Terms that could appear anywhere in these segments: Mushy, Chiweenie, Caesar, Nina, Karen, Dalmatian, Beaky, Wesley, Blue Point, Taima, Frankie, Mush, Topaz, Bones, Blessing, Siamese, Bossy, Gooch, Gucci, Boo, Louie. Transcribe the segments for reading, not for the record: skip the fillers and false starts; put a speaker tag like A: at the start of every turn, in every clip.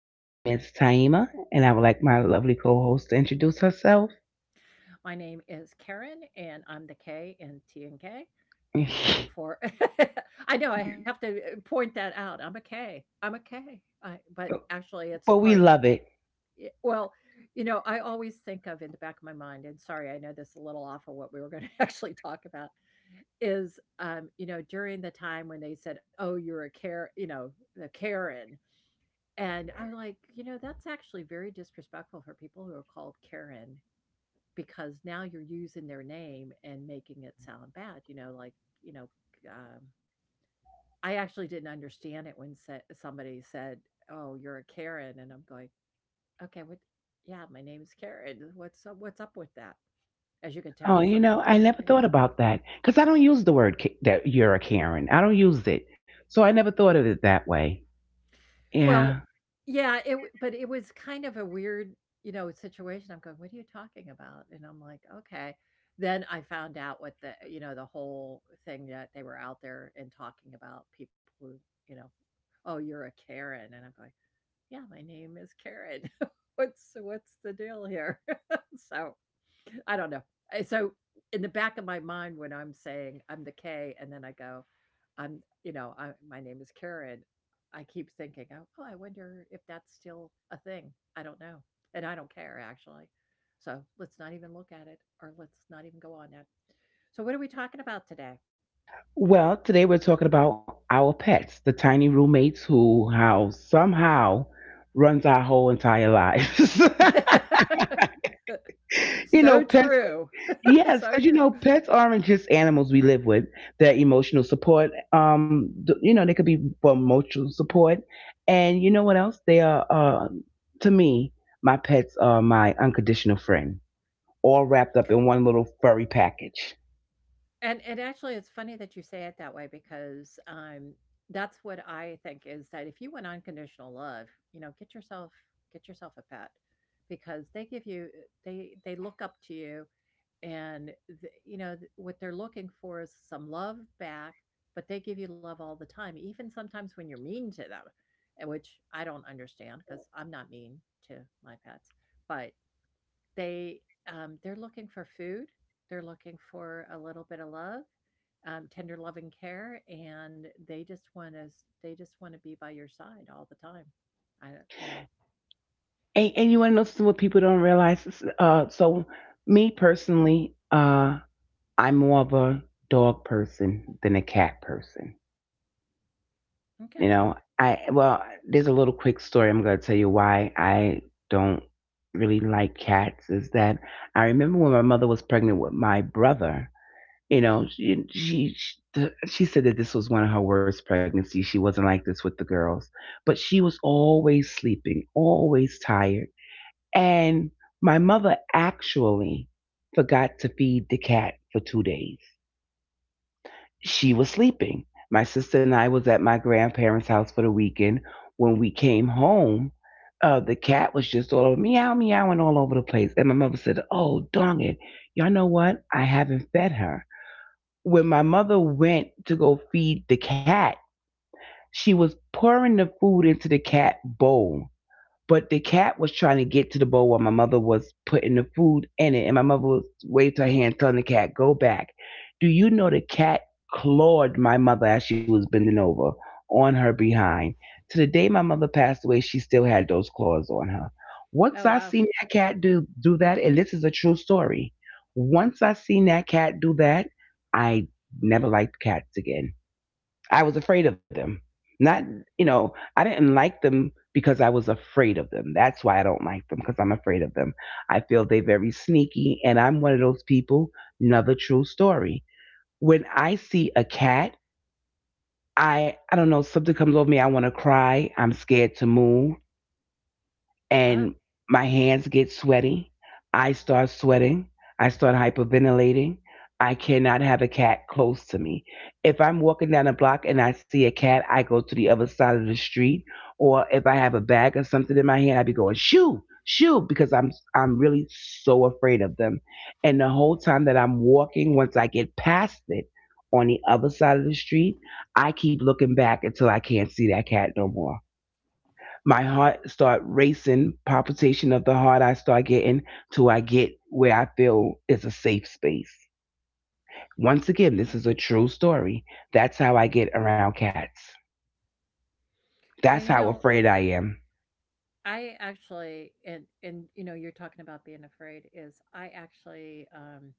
A: My name is Taima, and I would like my lovely co-host to introduce herself.
B: My name is Karen, and I'm the K in T and K. And look for, I know I have to point that out. I'm a K. I'm a K. But actually, it's
A: But
B: part.
A: we love it.
B: Y well, I always think of in the back of my mind. And sorry, I know this is a little off of what we were gonna actually talk about, is, during the time when they said, "Oh, you're a care," the Karen. And I'm like, that's actually very disrespectful for people who are called Karen, because now you're using their name and making it sound bad, you know, um, I actually didn't understand it when sa somebody said, "Oh, you're a Karen," and I'm going, Okay, what yeah, my name's Karen. What's up with that? As you can
A: Oh,
B: tell
A: you know,
B: sometimes.
A: I never thought about that because I don't use the word that you're a Karen. I don't use it, so I never thought of it that way. Yeah.
B: Well, yeah, but it was kind of a weird, situation. I'm going, "What are you talking about?" And I'm like, "Okay." Then I found out what the, the whole thing that they were out there and talking about people who, you know, "Oh, you're a Karen." And I'm going, "Yeah, my name is Karen." What's the deal here? So, I don't know. So in the back of my mind, when I'm saying I'm the K, and then I go, I'm, I, my name is Karen. I keep thinking, oh, oh, I wonder if that's still a thing. I don't know, and I don't care actually. So let's not even look at it, or let's not even go on that. So what are we talking about today?
A: Well, today we're talking about our pets, the tiny roommates who how somehow runs our whole entire lives. You know,
B: So
A: pets,
B: true.
A: yes,
B: So
A: because you know,
B: true.
A: pets aren't just animals we live with. They're emotional support. You know, they could be for emotional support, and you know what else? They are, to me, my pets are my unconditional friend, all wrapped up in one little furry package.
B: And actually, it's funny that you say it that way because, that's what I think is that if you want unconditional love, get yourself a pet, because they give you they look up to you, and th you know, th- what they're looking for is some love back. But they give you love all the time, even sometimes when you're mean to them, and which I don't understand because 'cause I'm not mean to my pets. But they, they're looking for food, they're looking for a little bit of love, tender love and care, and they just want to be by your side all the time. I don't, you know.
A: And you want to know something what people don't realize? Me personally, I'm more of a dog person than a cat person.
B: Okay.
A: You know, I well, there's a little quick story I'm going to tell you why I don't really like cats. Is that I remember when my mother was pregnant with my brother. You know, she said that this was one of her worst pregnancies. She wasn't like this with the girls, but she was always sleeping, always tired, and my mother actually forgot to feed the cat for 2 days. She was sleeping. My sister and I was at my grandparents' house for the weekend. When we came home, the cat was just all over meow, meow, and all over the place. And my mother said, "Oh, dang it. Y'all know what? I haven't fed her." When my mother went to go feed the cat, she was pouring the food into the cat bowl. But the cat was trying to get to the bowl while my mother was putting the food in it, and my mother was waved her hand, telling the cat, "Go back." Do you know the cat clawed my mother as she was bending over on her behind? To the day my mother passed away, she still had those claws on her. Once
B: Oh,
A: I
B: wow.
A: seen that cat do that, and this is a true story. Once I seen that cat do that, I never liked cats again. I was afraid of them. Not, you know, I didn't like them because I was afraid of them. That's why I don't like them because I'm afraid of them. I feel they're very sneaky, and I'm one of those people. Another true story. When I see a cat, I don't know, something comes over me. I want to cry. I'm scared to move,
B: Wow.
A: and my hands get sweaty. I start sweating. I start hyperventilating. I cannot have a cat close to me. If I'm walking down a block and I see a cat, I go to the other side of the street. Or if I have a bag or something in my hand, I be going shoo, shoo, because I'm really so afraid of them. And the whole time that I'm walking, once I get past it on the other side of the street, I keep looking back until I can't see that cat no more. My heart start racing, palpitation of the heart, I start getting till I get where I feel is a safe space. Once again, this
B: Wow.
A: is a true story. That's how I get around cats.
B: Well, you know,
A: That's how afraid I am.
B: I actually and you know, you're talking about being afraid is I actually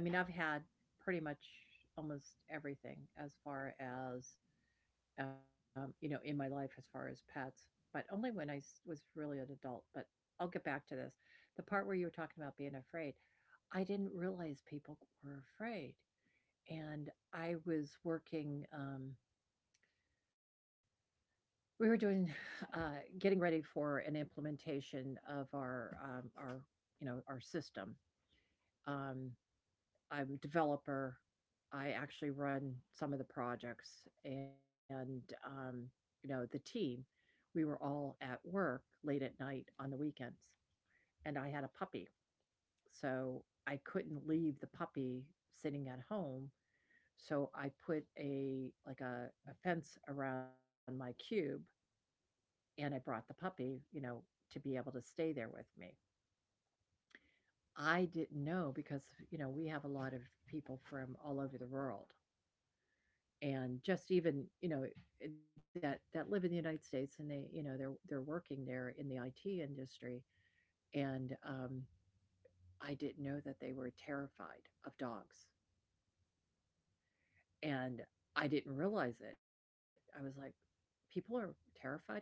B: I mean, I've had pretty much almost everything as far as you know, in my life as far as pets, but only when was really an adult. But I'll get back to this. The part where you were talking about being afraid, I didn't realize people were afraid. And I was working, we were doing, getting ready for an implementation of our, you know, our system. Um, I'm developer. I actually run some of the projects, and you know, the team, we were all at work late at night on the weekends, and I had a puppy. So I couldn't leave the puppy sitting at home. So I put a a fence around my cube, and I brought the puppy, you know, to be able to stay there with me. I didn't know because, you know, we have a lot of people from all over the world, and just even you know that live in the United States, and they you know they're working there in the IT industry. And I didn't know that they were terrified of dogs. And I didn't realize it. I was like, people are terrified of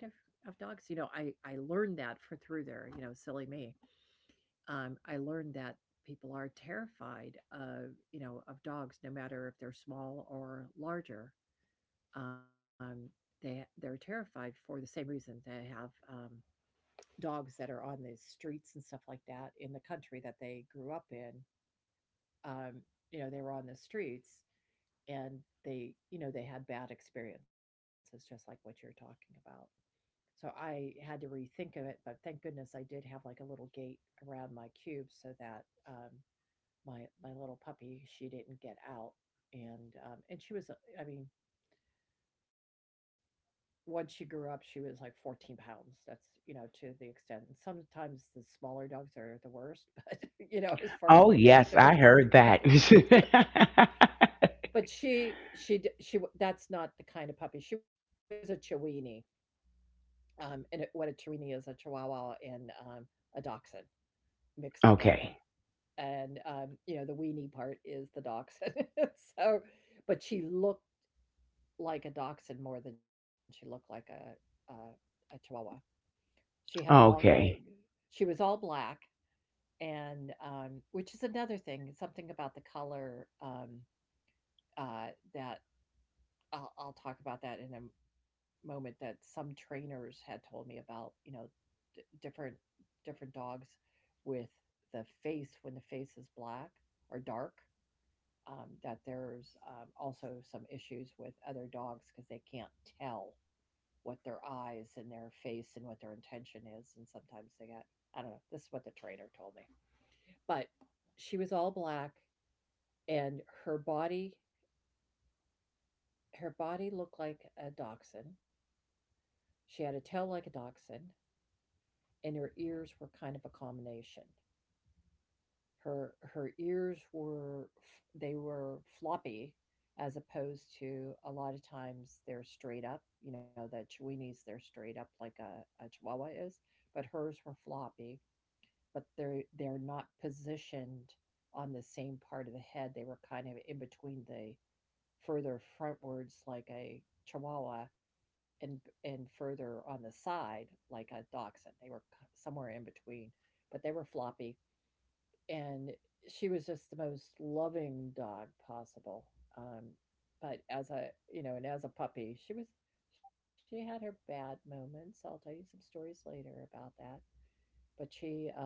B: dogs. You know, I learned that for through there. You know, silly me. I learned that people are terrified of, you know, of dogs, no matter if they're small or larger. Um, they're terrified for the same reason. They have dogs that are on the streets and stuff like that in the country that they grew up in. Um, you know, they were on the streets, and they, you know, they had bad experiences, just like what you're talking about. So I had to rethink of it, but thank goodness I did have like a little gate around my cube so that my little puppy, she didn't get out. And she was, I mean, once she grew up, she was like 14 pounds. That's, you know, to the extent. And sometimes the smaller dogs are the worst, but you know, as far as
A: Oh
B: nipping at your
A: yes, I heard
B: at
A: that.
B: your feet. But she d- she w- that's not the kind of puppy. She was a Chiweenie. And it, what a Chiweenie is a Chihuahua and a Dachshund mixed
A: Okay,
B: together. And you know, the weenie part is the Dachshund. So, but she looked like a Dachshund more than she looked like a Chihuahua. She had long
A: okay.
B: legs. She was all black, and, which is another thing, something about the color, uh, that I'll talk about that in a moment, that some trainers had told me about, you know, d different dogs with the face, when the face is black or dark, that there's, also some issues with other dogs because they can't tell what their eyes and their face and what their intention is. And sometimes they got, I don't know, this is what the trainer told me. But she was all black, and her body looked like a Dachshund. She had a tail like a Dachshund, and her ears were kind of a combination. Her ears were, they were floppy, as opposed to a lot of times they're straight up. You know, the Chihuahuas, they're straight up like a Chihuahua is, but hers were floppy. But they're not positioned on the same part of the head. They were kind of in between the further frontwards, like a Chihuahua, and further on the side like a Dachshund. They were somewhere in between, but they were floppy, and she was just the most loving dog possible. Um, but as a you know, and as a puppy, she was she had her bad moments. I'll tell you some stories later about that. But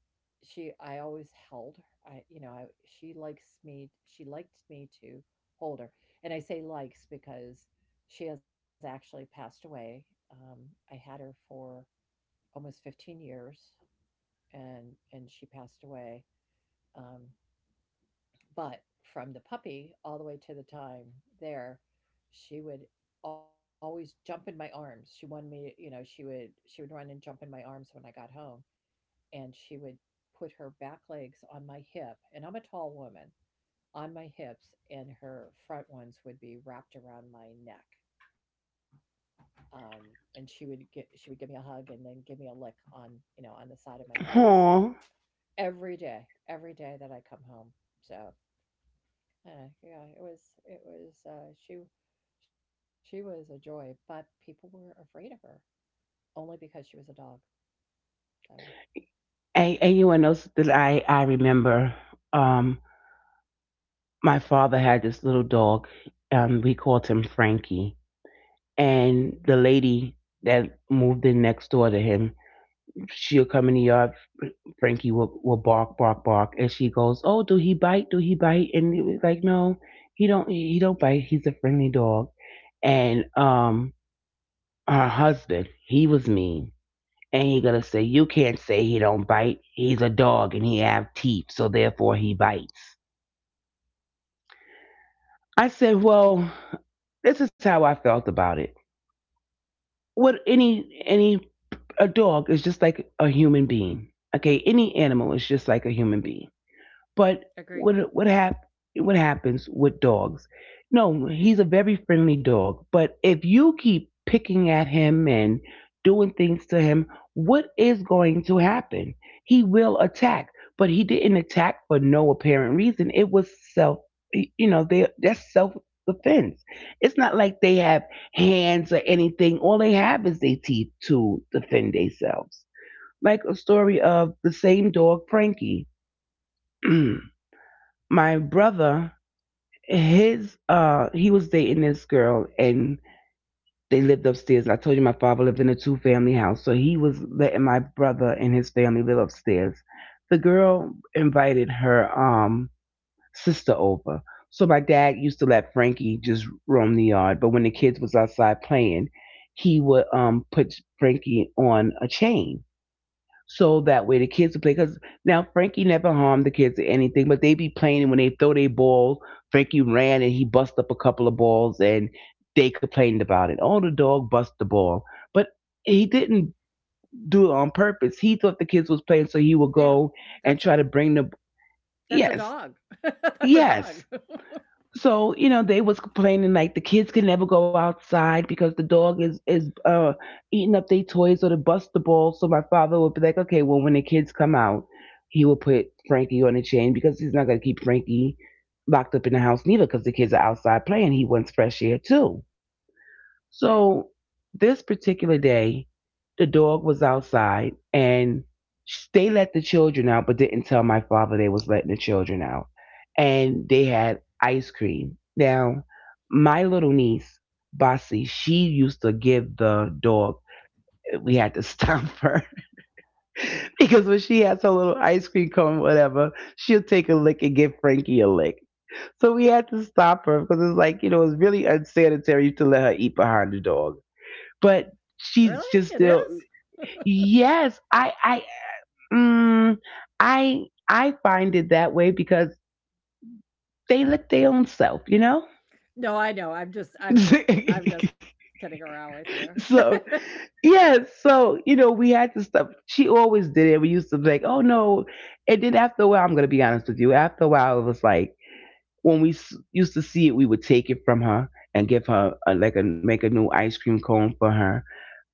B: she I always held her. I you know, I she liked me to hold her. And I say likes because she has actually passed away. Um, I had her for almost 15 years, and she passed away. Um, but from the puppy all the way to the time there, she would always jump in my arms. She wanted me to, you know, she would run and jump in my arms when I got home, and she would put her back legs on my hip, and I'm a tall woman, on my hips, and her front ones would be wrapped around my neck. Um, and she would get she would give me a hug, and then give me a lick on, you know, on the side of my face,
A: Oh,
B: every day that I come home. So, yeah, it was she was a joy, but people were afraid of her only because she was a dog. So.
A: and you know that I remember, um my father had this little dog, we called him Frankie, and the lady that moved in next door to him, she'll come in the yard. Frankie will, bark, bark, bark, and she goes, "Oh, do he bite? Do he bite?" And it was like, "No, he don't. He don't bite. He's a friendly dog." And Her husband, he was mean, and he gonna say, "You can't say he don't bite. He's a dog, and he have teeth, so therefore he bites." I said, "Well, this is how I felt about it." What any a dog is just like a human being. Okay, any animal is just like a human being. But
B: Agree.
A: what what hap- what happens with dogs? No, he's a very friendly dog, but if you keep picking at him and doing things to him, what is going to happen? He will attack, but he didn't attack for no apparent reason. It was self, you know, they that's self defense. It's not like they have hands or anything. All they have is their teeth to defend themselves. Like a story of the same dog, Frankie. My brother, his he was dating this girl, and they lived upstairs. I told you my father lived in a two family house, so he was letting my brother and his family live upstairs. The girl invited her sister over. So my dad used to let Frankie just roam the yard, but when the kids was outside playing, he would put Frankie on a chain so that way the kids would play. Because now Frankie never harmed the kids or anything, but they be playing, and when they throw their ball, Frankie ran and he bust up a couple of balls, and they complained about it. Oh, the dog bust the ball, but he didn't do it on purpose. He thought the kids was playing, so he would
B: Yeah.
A: go and
B: That's
A: try to bring the.
B: a
A: Yes,
B: dog. That's a
A: yes,
B: dog.
A: so you know they was complaining like the kids could never go outside because the dog is eating up their toys or the bust the ball. So my father would be like, okay, well, when the kids come out, he will put Frankie on a chain because he's not going to keep Frankie locked up in the house neither, because the kids are outside playing, he wants fresh air too.
B: Right.
A: So this particular day, the dog was outside and they let the children out, but didn't tell my father they was letting the children out. And they had ice cream. Now, my little niece, Bossy, she used to give the dog. We had to stomp her because when she has her little ice cream cone, whatever, she'll take a lick and give Frankie a lick. So we had to stop her because it's like, you know, it's really unsanitary to let her eat behind the dog, but
B: Really?
A: she's just
B: It
A: still.
B: is?
A: Yes, I mm, I find it that way because they look their own self, you know.
B: No, I know. I'm just kidding around with you.
A: So yeah, so you know we had to stop, she always did it. We used to be like, oh no, and then after a while, I'm gonna be honest with you, after a while it was like when used to see it, we would take it from her and give her a, like a, make a new ice cream cone for her.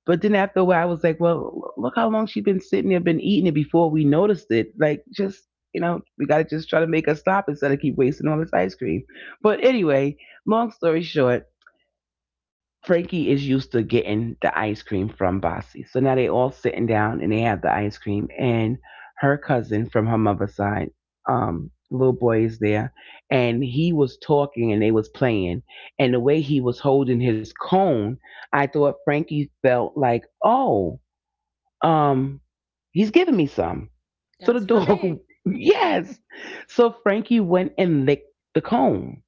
A: But then after a while, I was like, well, look how long she's been sitting there, been eating it before we noticed it. Like, just, you know, we got to just try to make her stop instead of keep wasting all this ice cream. But anyway, long story short, Frankie is used to getting the ice cream from Bossy. So now they all sitting down and they have the ice cream, and her cousin from her mother's side, little boy is there, and he was talking and they was playing, and the way he was holding his cone, I thought Frankie felt like, oh, um, he's giving me some.
B: That's
A: So
B: for
A: the
B: me.
A: dog yes. So Frankie went and licked the cone.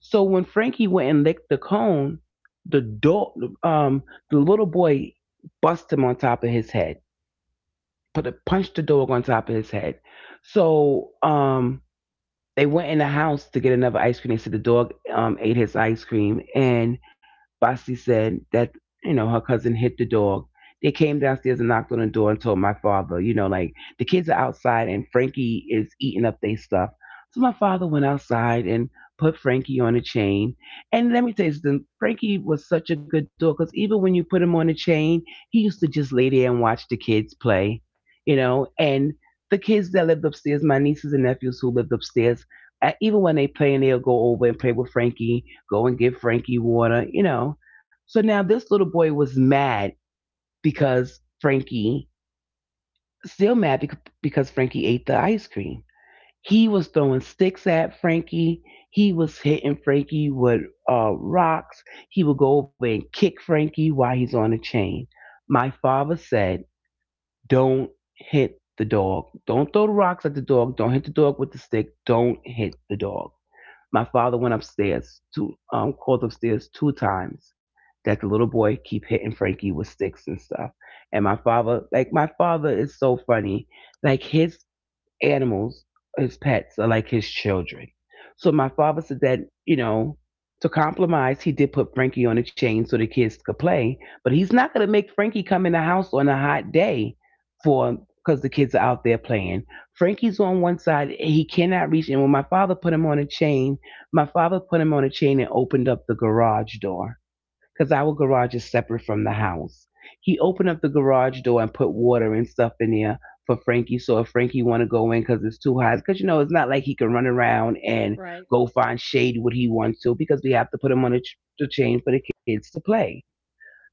A: So when Frankie went and licked the cone, the dog, um, the little boy busted him on top of his head, put a, punched the dog on top of his head. So they went in the house to get another ice cream. They said the dog ate his ice cream, and Basti said that, you know, her cousin hit the dog. They came downstairs and knocked on the door and told my father, you know, like the kids are outside and Frankie is eating up their stuff. So my father went outside and put Frankie on a chain. And let me tell you something, Frankie was such a good dog because even when you put him on a chain, he used to just lay there and watch the kids play, you know, and the kids that lived upstairs, my nieces and nephews who lived upstairs, even when they play and they'll go over and play with Frankie, go and get Frankie water, you know. So now this little boy was mad because Frankie, still mad because Frankie ate the ice cream. He was throwing sticks at Frankie. He was hitting Frankie with rocks. He would go over and kick Frankie while he's on the chain. My father said, "Don't hit the dog. Don't throw the rocks at the dog. Don't hit the dog with the stick. Don't hit the dog." My father went upstairs two called upstairs two times that the little boy keep hitting Frankie with sticks and stuff. And my father, like, my father is so funny. Like, his animals, his pets, are like his children. So my father said that, you know, to compromise, he did put Frankie on a chain so the kids could play, but he's not going to make Frankie come in the house on a hot day for because the kids are out there playing. Frankie's on one side, he cannot reach. And when my father put him on a chain, my father put him on a chain and opened up the garage door because our garage is separate from the house. He opened up the garage door and put water and stuff in there for Frankie. So if Frankie want to go in because it's too hot, because you know it's not like he can run around and
B: Right.
A: go find shade what he wants to because we have to put him on a the chain for the kids to play.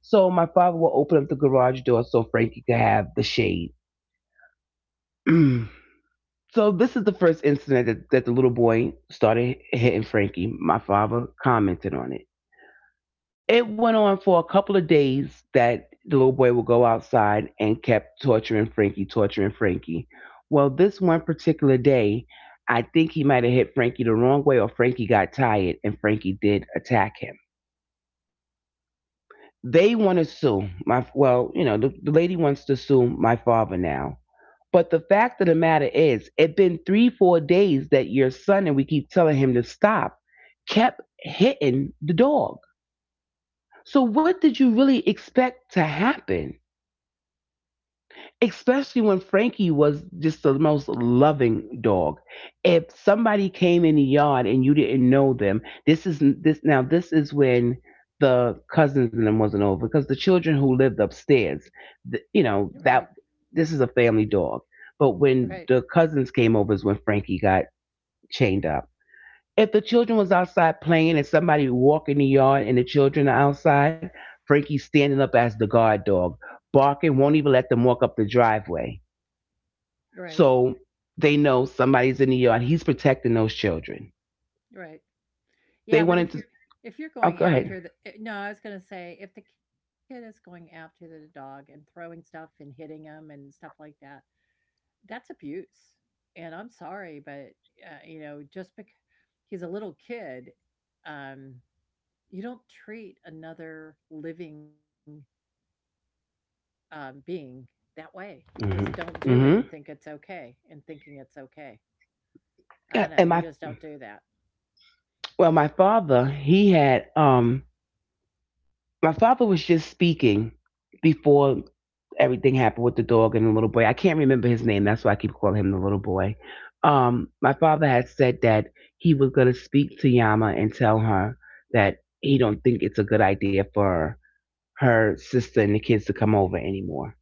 A: So my father will open up the garage door so Frankie could have the shade. So this is the first incident that the little boy started hitting Frankie. My father commented on it. It went on for a couple of days that the little boy would go outside and kept torturing Frankie, torturing Frankie. Well, this one particular day, I think he might have hit Frankie the wrong way, or Frankie got tired and Frankie did attack him. They want to sue my, well, you know, the lady wants to sue my father now. But the fact of the matter is, it been three, 4 days that your son, and we keep telling him to stop, kept hitting the dog. So what did you really expect to happen? Especially when Frankie was just the most loving dog. If somebody came in the yard and you didn't know them, this is, this, now this is when the cousins and them wasn't over, because the children who lived upstairs, you
B: Right.
A: know, that this is a family dog. But
B: Right.
A: when the cousins came over is when Frankie got chained up. If the children was outside playing and somebody walk in the yard and the children are outside, Frankie's standing up as the guard dog, barking, won't even let them walk up the driveway.
B: Right.
A: So they know somebody's in the yard. He's protecting those children.
B: Right.
A: They
B: Yeah, but
A: wanted
B: if
A: to.
B: you if you're
A: Oh,
B: going
A: go
B: after
A: ahead.
B: the eh, no, I was gonna say, if the kid is going after the dog and throwing stuff and hitting him and stuff like that, that's abuse. And I'm sorry, but, you know, just because he's a little kid, um, you don't treat another living, being that way. You just
A: Mm-hmm.
B: don't do it and
A: Mm-hmm.
B: think it's okay, and thinking it's okay. I don't
A: Yeah.
B: know,
A: And
B: you
A: my,
B: just don't do that.
A: well, my father, he had my father was just speaking before everything happened with the dog and the little boy. I can't remember his name. That's why I keep calling him the little boy. My father had said that he was going to speak to Yama and tell her that he don't think it's a good idea for her sister and the kids to come over anymore.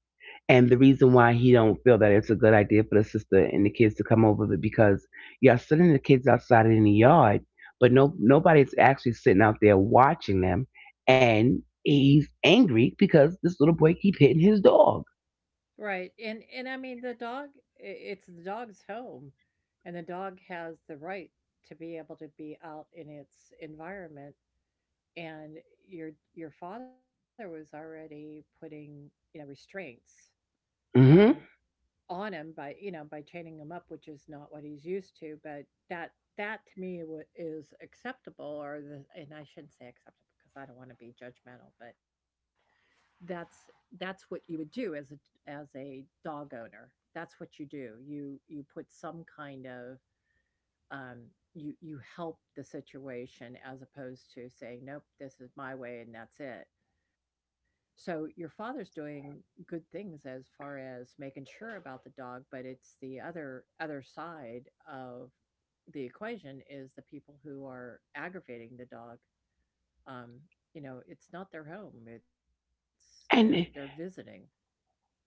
A: And the reason why he don't feel that it's a good idea for the sister and the kids to come over is because y'all sitting the kids outside in the yard, but no nobody's actually sitting out there watching them. And he's angry because this little boy keep hitting his dog.
B: Right. And I mean the dog it's the dog's home, and the dog has the right to be able to be out in its environment. And your father was already putting, you know, restraints um
A: Hmm.
B: on him by, you know, by chaining him up, which is not what he's used to. But that, is acceptable. Or the— and I shouldn't say acceptable because I don't want to be judgmental, but that's that's what you would do. As a as a dog owner, that's what you do. You put some kind of— um you help the situation as opposed to saying, "Nope, this is my way and that's it." So your father's doing good things as far as making sure about the dog, but it's the other side of the equation is the people who are aggravating the dog. um you know, it's not their home, it's they're
A: And
B: visiting.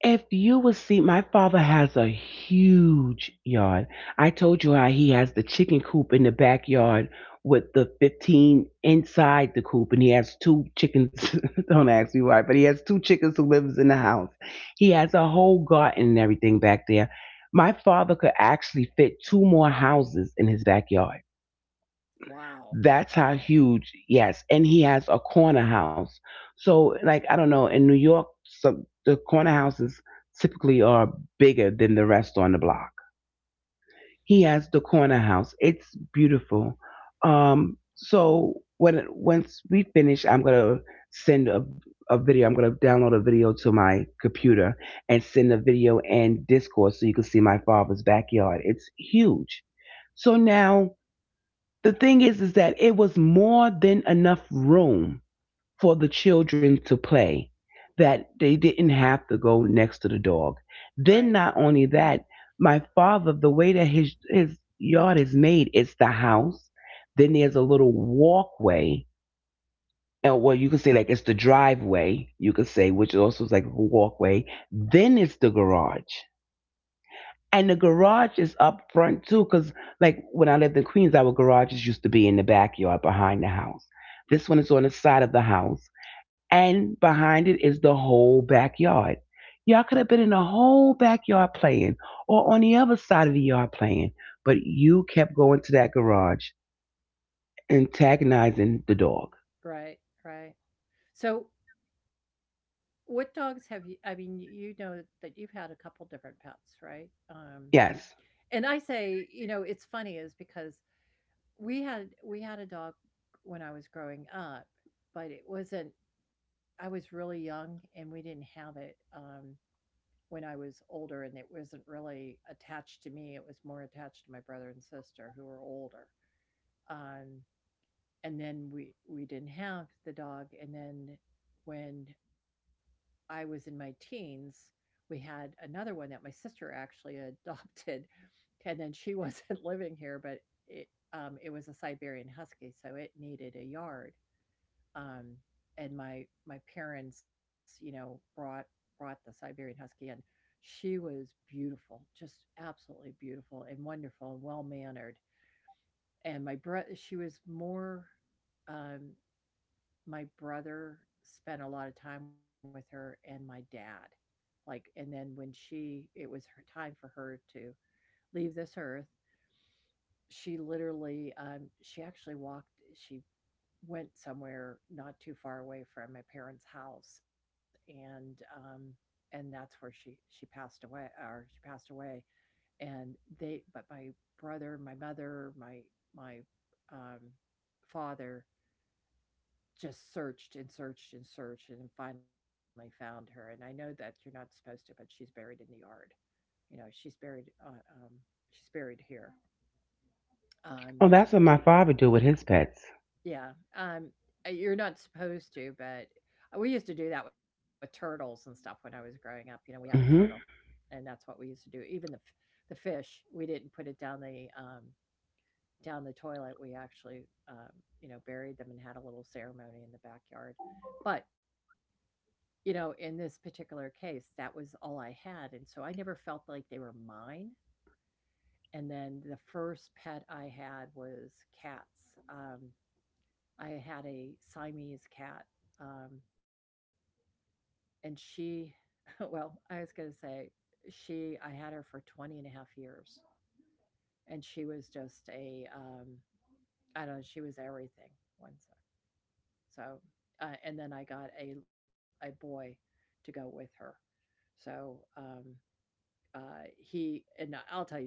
A: if you would see, my father has a huge yard. I told you how he has the chicken coop in the backyard with the 15 inside the coop, and he has two chickens. Don't ask me why, but he has two chickens who lives in the house. He has a whole garden and everything back there. My father could actually fit two more houses in his backyard.
B: Wow.
A: That's how
B: Wow.
A: huge, yes. And he has a corner house. So, like, I don't know, in New York, some, the corner houses typically are bigger than the rest on the block. He has the corner house. It's beautiful. So when once we finish, I'm gonna send a video. I'm gonna download a video to my computer and send a video and Discord so you can see my father's backyard. It's huge. So now the thing is that it was more than enough room for the children to play, that they didn't have to go next to the dog. Then,
B: Right.
A: not only that, my father, the way that his yard is made, it's the house. Then there's a little walkway. And well, you could say like it's the driveway, you could say, which also is like a walkway. Then it's the garage. And the garage is up front too, because like when I lived in Queens, our garages used to be in the backyard behind the house. This one is on the side of the house, and behind it is the whole backyard. Y'all could have been in the whole backyard playing, or on the other side of the yard playing, but you kept going to that garage, antagonizing the dog.
B: Right. Right. So, what dogs have you? I mean, you know that you've had a couple different pets, right?
A: Yes.
B: And I say, you know, it's funny is because we had a dog when I was growing up, but it wasn't. I was really young, and we didn't have it when I was older, and it wasn't really attached to me. It was more attached to my brother and sister who were older. Um, and then we didn't have the dog. And then when I was in my teens, we had another one that my sister actually adopted. And then she wasn't living here, but it was a Siberian husky, so it needed a yard. um, and my parents, you know, brought— brought the Siberian husky in. She was beautiful, just absolutely beautiful and wonderful and well mannered. And my brother— she was more um, my brother spent a lot of time with her and my dad. Like, and then when she— it was her time for her to leave this earth, she literally, she went somewhere not too far away from my parents' house, and that's where she passed away. Or she passed away, and they— but my brother, my mother, my um father just searched and searched and searched and finally found her. And I know that you're not supposed to, but she's buried in the yard. You know, she's buried. She's buried here. Um,
A: Oh, that's what my father do with his pets.
B: yeah. You're not supposed to, but we used to do that with turtles and stuff when I was growing up. You know, we had a turtle,
A: Mm-hmm.
B: and that's what we used to do. Even the the fish, we didn't put it down the toilet. We actually, you know, buried them and had a little ceremony in the backyard. But you know, in this particular case, that was all I had, and so I never felt like they were mine. And then the first pet I had was cats. I had a Siamese cat, um, and she well, I was gonna say she— I had her for 20 and a half years, and she was just a, I don't know, she was everything. One sec. So, and then I got a boy to go with her. So, uh he— and I will tell you a story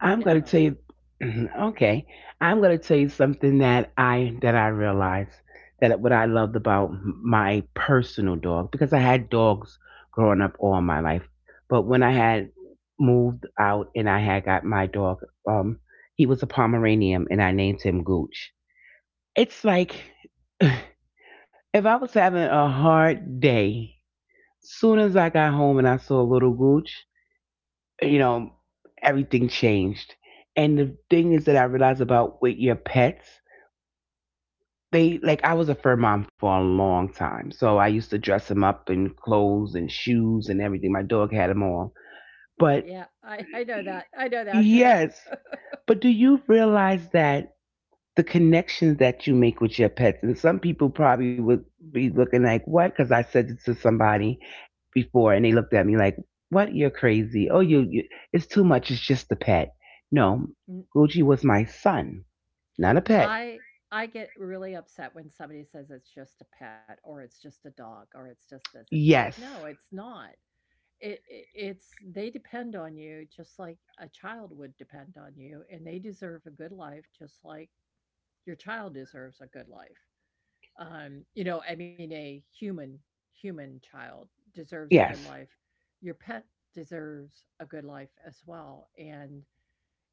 B: in a
A: gonna
B: moment.
A: tell you. Okay, I'm gonna tell you something that I realized, that what I loved about my personal dog, because I had dogs growing up all my life, but when I had moved out and I had got my dog, um, he was a Pomeranian and I named him Gooch. It's like, if I was having a hard day, soon as I got home and I saw little Gooch, you know, everything changed. And the thing is that I realized about with your pets, they, like, I was a fur mom for a long time. So I used to dress them up in clothes and shoes and everything. My dog had them all. But
B: Yeah, I know that. I know that too.
A: yes, but do you realize that the connections that you make with your pets? And some people probably would be looking like, what? Because I said this to somebody before and they looked at me like, what? You're crazy. Oh, you, it's too much. It's just a pet. No,
B: N-
A: Gucci was my son, not a pet.
B: I I get really upset when somebody says it's just a pet or it's just a dog or it's just this. And it's like, no,
A: Yes.
B: it's not. It, it's they depend on you just like a child would depend on you, and they deserve a good life just like your child deserves a good life. You know, I mean, a human child deserves a good
A: Yes.
B: life. Your pet deserves a good life as well, and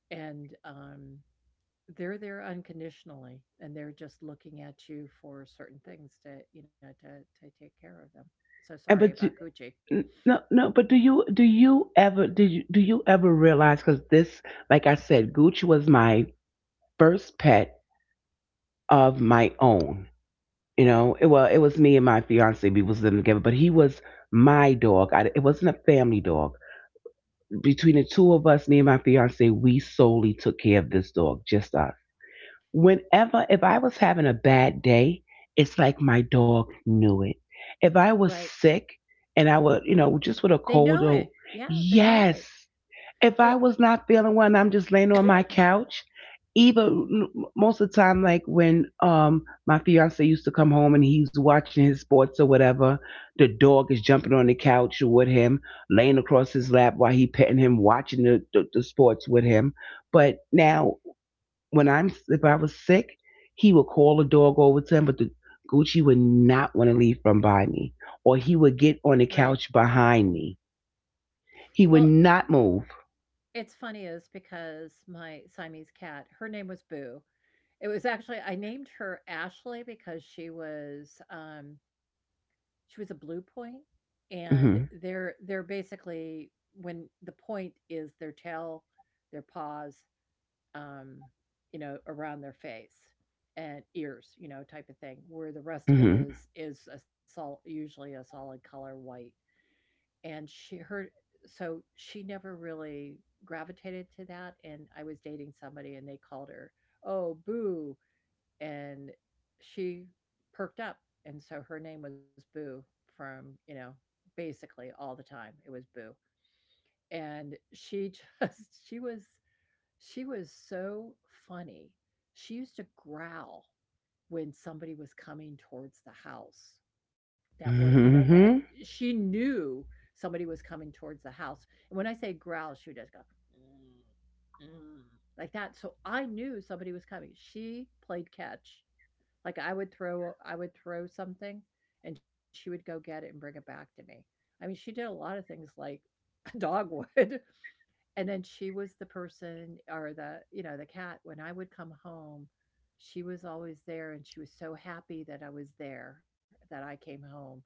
B: and um, they're there unconditionally, and they're just looking at you for certain things to, you know, to take care of them. So sorry
A: And, but,
B: about Gucci.
A: no, no, but do you ever, do you ever realize? Because this, like I said, Gucci was my first pet of my own. You
B: Right,
A: know it, well, it was me and my fiance, we was living together, but he was my dog. I, it wasn't a family dog. Between the two of us, me and my fiance, we solely took care of this dog, just us. Whenever, if I was having a bad day, it's like my dog knew it. If I
B: right.
A: was sick and I would, you know, just with a
B: They know
A: cold
B: it.
A: or,
B: Yeah, they know it.
A: yes, if
B: Well,
A: I was not feeling well and I'm just laying on my couch, even most of the time, like when my fiance used to come home and he's watching his sports or whatever, the dog is jumping on the couch with him, laying across his lap while he petting him, watching the sports with him. But now when I'm, if I was sick, he would call the dog over to him, but the Gucci would not want to leave from by me, or he would get on the
B: right.
A: couch behind me. He
B: Well,
A: would not move.
B: it's funny is because my Siamese cat, her name was Boo. It was actually— I named her Ashley because she was a Blue Point, and
A: Hmm.
B: they're basically when the point is their tail, their paws, um, you know, around their face and ears, you know, type of thing, where the rest of
A: Hmm.
B: it is— is a sol— usually a solid color white. And she— her— so she never really gravitated to that, and I was dating somebody and they called her, "Oh, Boo," and she perked up. And so her name was Boo from, you know, basically all the time it was Boo. And she just she was— she was so funny. She used to growl when somebody was coming towards the house. That was, you know, that—
A: Mm-hmm.
B: she knew somebody was coming towards the house. And when I say growl, she would just go, "Mm, mm," like that. So I knew somebody was coming. She played catch. Like, I would throw something, and she would go get it and bring it back to me. I mean, she did a lot of things like a dog would. And then she was the person, or the, you know, the cat, when I would come home, she was always there, and she was so happy that I was there, that I came home,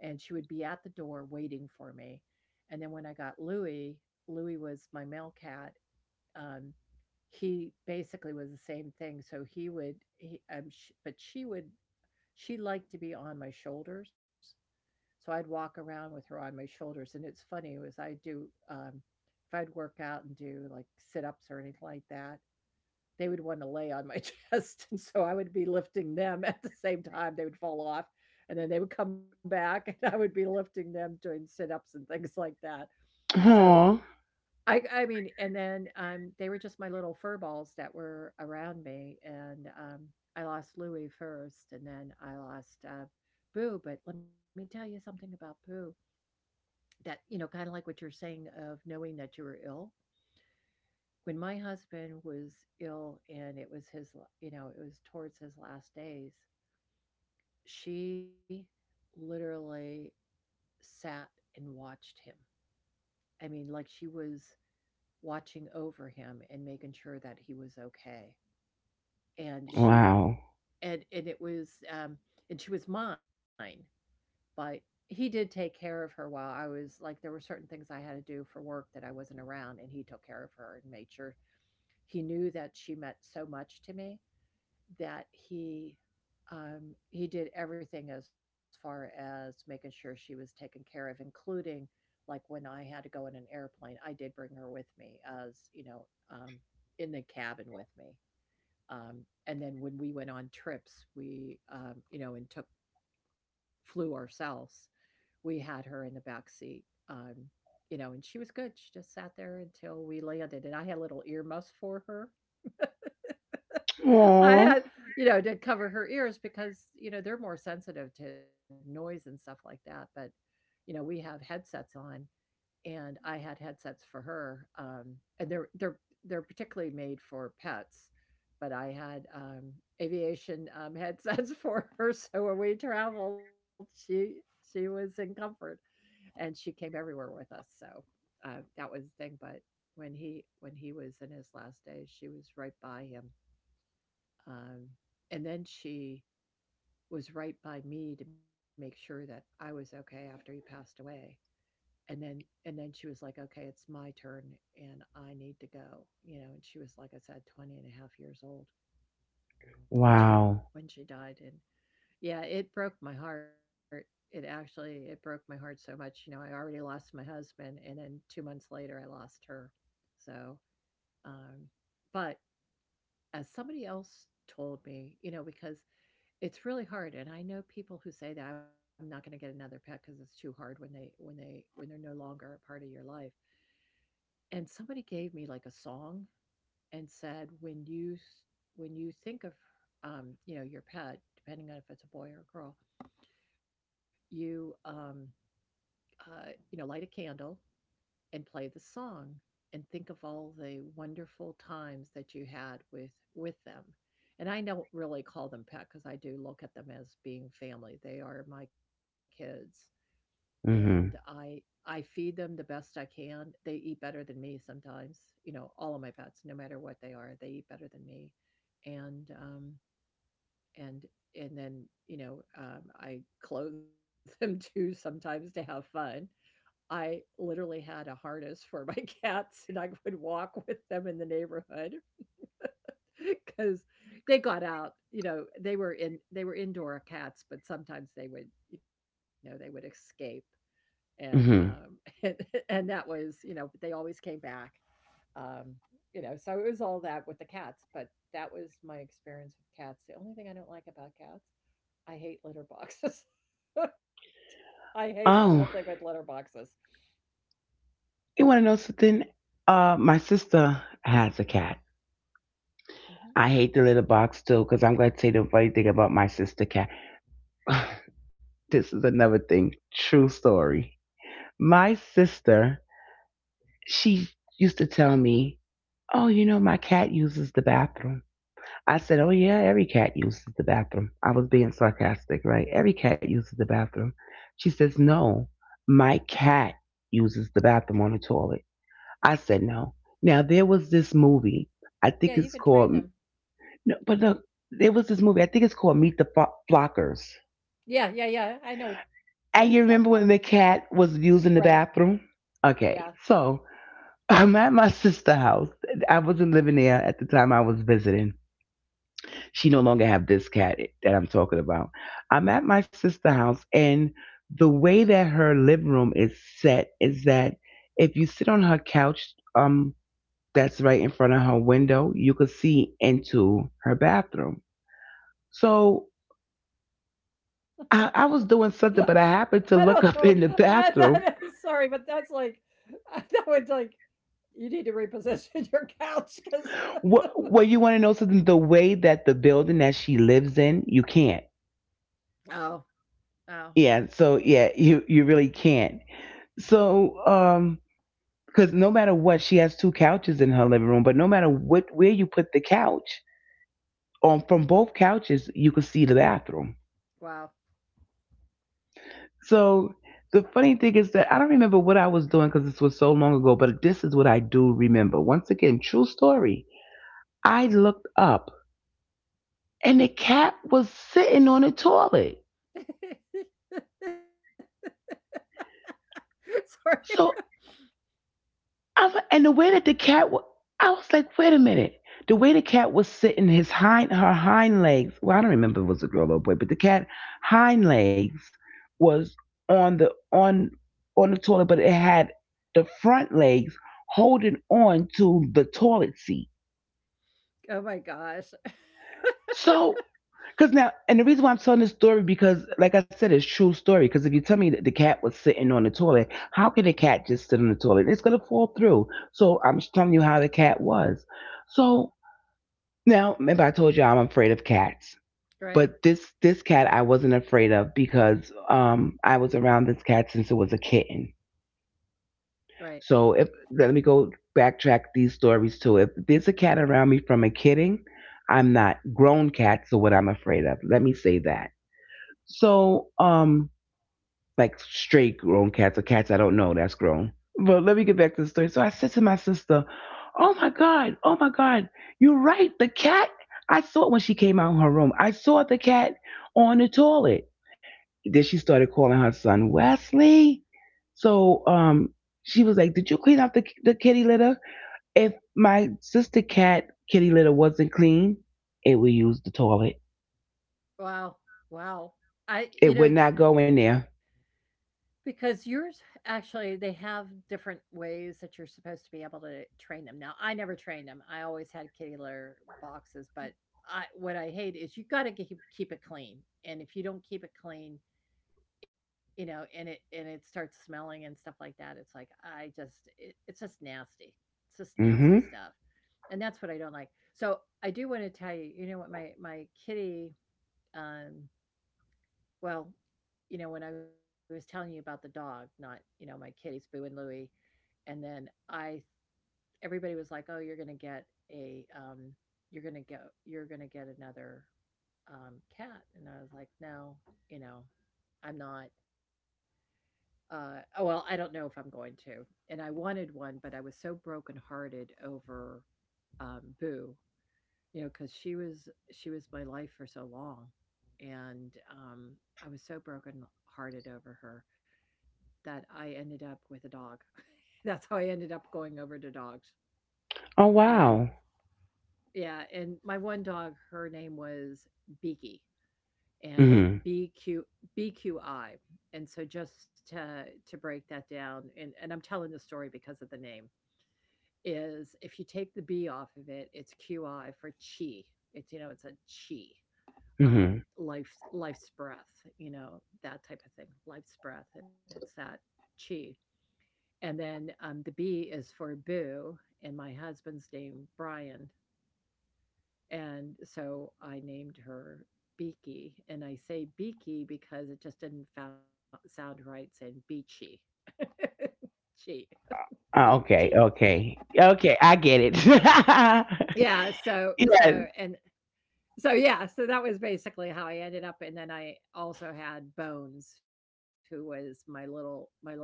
B: and she would be at the door waiting for me. And then when I got Louie— Louie was my male cat, um, he basically was the same thing. So he would— he, sh but she would— she liked to be on my shoulders, so I'd walk around with her on my shoulders. And it's funny was I'd do, if I'd work out and do like sit-ups or anything like that, they would want to lay on my chest, and so I would be lifting them. At the same time, they would fall off, and then they would come back, and I would be lifting them doing sit-ups and things like that. So
A: Aw.
B: I mean, and then, they were just my little fur balls that were around me. And, I lost Louie first, and then I lost, Boo. But let me tell you something about Boo. That, you know, kinda like what you're saying of knowing that you were ill. When my husband was ill and it was his, you know, it was towards his last days, she literally sat and watched him. I mean, like, she was watching over him and making sure that he was okay. And she—
A: Wow.
B: and it was, and she was mine, but he did take care of her while I was— like, there were certain things I had to do for work that I wasn't around, and he took care of her and made sure— he knew that she meant so much to me that he did everything as far as making sure she was taken care of, including like when I had to go in an airplane, I did bring her with me, as you know, in the cabin with me. Um, and then when we went on trips, we, you know, and took— flew ourselves. We had her in the back seat, um, you know, and she was good. She just sat there until we landed, and I had little ear muffs for her. I
A: Aw.
B: had, you know, to cover her ears because, you know, they're more sensitive to noise and stuff like that. But, you know, we have headsets on, and I had headsets for her, and they're they're particularly made for pets, but I had, aviation, headsets for her. So when we traveled, she was in comfort, and she came everywhere with us. So, that was the thing. But when he was in his last days, she was right by him. Um, and then she was right by me to make sure that I was okay after he passed away. And then— she was like, "Okay, it's my turn and I need to go." You know, and she was, like I said, 20 and a half years old when she
A: Wow.
B: when she died. And yeah, it broke my heart. It actually— it broke my heart so much. You know, I already lost my husband, and then 2 months later I lost her. So, um but as somebody else told me, you know, because it's really hard. And I know people who say that I'm not gonna get another pet because it's too hard when they when they when they're no longer a part of your life. And somebody gave me, like, a song and said, "When you— when you think of, you know, your pet, depending on if it's a boy or a girl, you, you know, light a candle and play the song and think of all the wonderful times that you had with— with them." And I don't really call them pet because I do look at them as being family. They are my kids, and
A: Mm-hmm.
B: I— I feed them the best I can. They eat better than me sometimes. You know, all of my pets, no matter what they are, they eat better than me. And um and and then, I clothe them too sometimes to have fun. I literally had a harness for my cats and I would walk with them in the neighborhood because they got out, you know, they were indoor cats, but sometimes they would, you know, they would escape and
A: Mm-hmm.
B: and, and that was, you know, but they always came back. um you know, so it was all that with the cats. But that was my experience with cats. The only thing I don't like about cats, I hate litter boxes. I hate the whole thing with
A: Oh,
B: litter boxes.
A: you want to know something? My sister has a cat.
B: Hmm.
A: I hate the litter box too, because I'm going to tell you the funny thing about my sister cat. This is another thing. True story. My sister, she used to tell me, oh, you know, my cat uses the bathroom. I said, oh, yeah, every cat uses the bathroom. I was being sarcastic, right? Every cat uses the bathroom. She says, no, my cat uses the bathroom on the toilet. I said, no. Now, there was this movie. I think
B: Yeah, you
A: it's
B: could
A: called,
B: train them.
A: no, but look, there was this movie. I think it's called Meet the Flockers.
B: Yeah, yeah, yeah, I know which one you're talking
A: And
B: about.
A: you remember when the cat was
B: Right.
A: using the bathroom?
B: Yeah.
A: Okay, so I'm at my sister's house. I wasn't living there at the time, I was visiting. She no longer have this cat that I'm talking about. I'm at my sister's house, and the way that her living room is set is that if you sit on her couch, that's right in front of her window, you could see into her bathroom. So I was doing something, but I
B: I don't
A: happened to
B: know.
A: look up in the bathroom.
B: Sorry, but that's like, I that would like you need to reposition your couch, because.
A: What, you want to know something? The way that the building that she lives in, you can't.
B: Oh. Oh,
A: Yeah. So yeah, you really can't. So because no matter what, she has two couches in her living room. But no matter what, where you put the couch, from both couches you could see the bathroom.
B: wow.
A: So the funny thing is that I don't remember what I was doing because this was so long ago. But this is what I do remember. Once again, true story. I looked up and the cat was sitting on the toilet.
B: Sorry.
A: So and the way that the cat, wa- I was like, wait a minute. The way the cat was sitting, her hind legs. Well, I don't remember if it was a girl or a boy, but the cat hind legs was on the on on the toilet, but it had the front legs holding on to the toilet seat.
B: Oh my gosh.
A: So, because now, and the reason why I'm telling this story because, like I said, it's true story. Because if you tell me that the cat was sitting on the toilet, how can a cat just sit on the toilet? It's gonna fall through. So I'm just telling you how the cat was. So now, remember I told you I'm afraid of cats,
B: Right.
A: but this cat I wasn't afraid of because I was around this cat since it was a kitten.
B: Right.
A: So if let me go backtrack these stories too. If there's a cat around me from a kitten, I'm not grown cats are what I'm afraid of. Let me say that. So, like straight grown cats or cats I don't know that's grown. But let me get back to the story. So I said to my sister, oh my God, oh my God, you're right. The cat, I saw it when she came out of her room. I saw the cat on the toilet. Then she started calling her son Wesley. So she was like, did you clean out the kitty litter? If my sister cat kitty litter wasn't clean, it would use the toilet.
B: Wow. Wow. I, you
A: It
B: know,
A: would not go in there.
B: because yours actually, they have different ways that you're supposed to be able to train them. Now, I never trained them. I always had kitty litter boxes, but what I hate is you got to keep it clean. And if you don't keep it clean, you know, and it starts smelling and stuff like that, it's like, it's just nasty. It's just nasty
A: Mm-hmm.
B: stuff. And that's what I don't like. So I do want to tell you, you know what my kitty, um, well, you know, when I was telling you about the dog, not, you know, my kitties Boo and Louie, and then I, everybody was like, oh, you're gonna get a, you're gonna go, you're gonna get another, cat, and I was like, no, you know, I'm not. Oh well, I don't know if I'm going to. And I wanted one, but I was so brokenhearted over, Boo, you know, because she was my life for so long, and I was so broken hearted over her that I ended up with a dog. That's how I ended up going over to dogs.
A: Oh
B: And
A: wow.
B: yeah, and my one dog, her name was Beaky, and it B
A: Mm-hmm.
B: Q, B Q I, and so just to break that down, and I'm telling the story because of the name is if you take the B off of it, it's Qi, for Chi. It's, you know, it's a Chi,
A: Mm-hmm.
B: life's breath, you know, that type of thing, life's breath, and it's that Chi. And then, the B is for Boo, and my husband's name Brian, and so I named her Beaky, and I say Beaky because it just didn't sound right saying Beachy, Chi,
A: Ah,
B: Beachy.
A: okay. Okay. Okay. I get it.
B: Yeah, so so
A: Yes,
B: and So yeah, so that was basically how I ended up. And then I also had Bones, who was my little,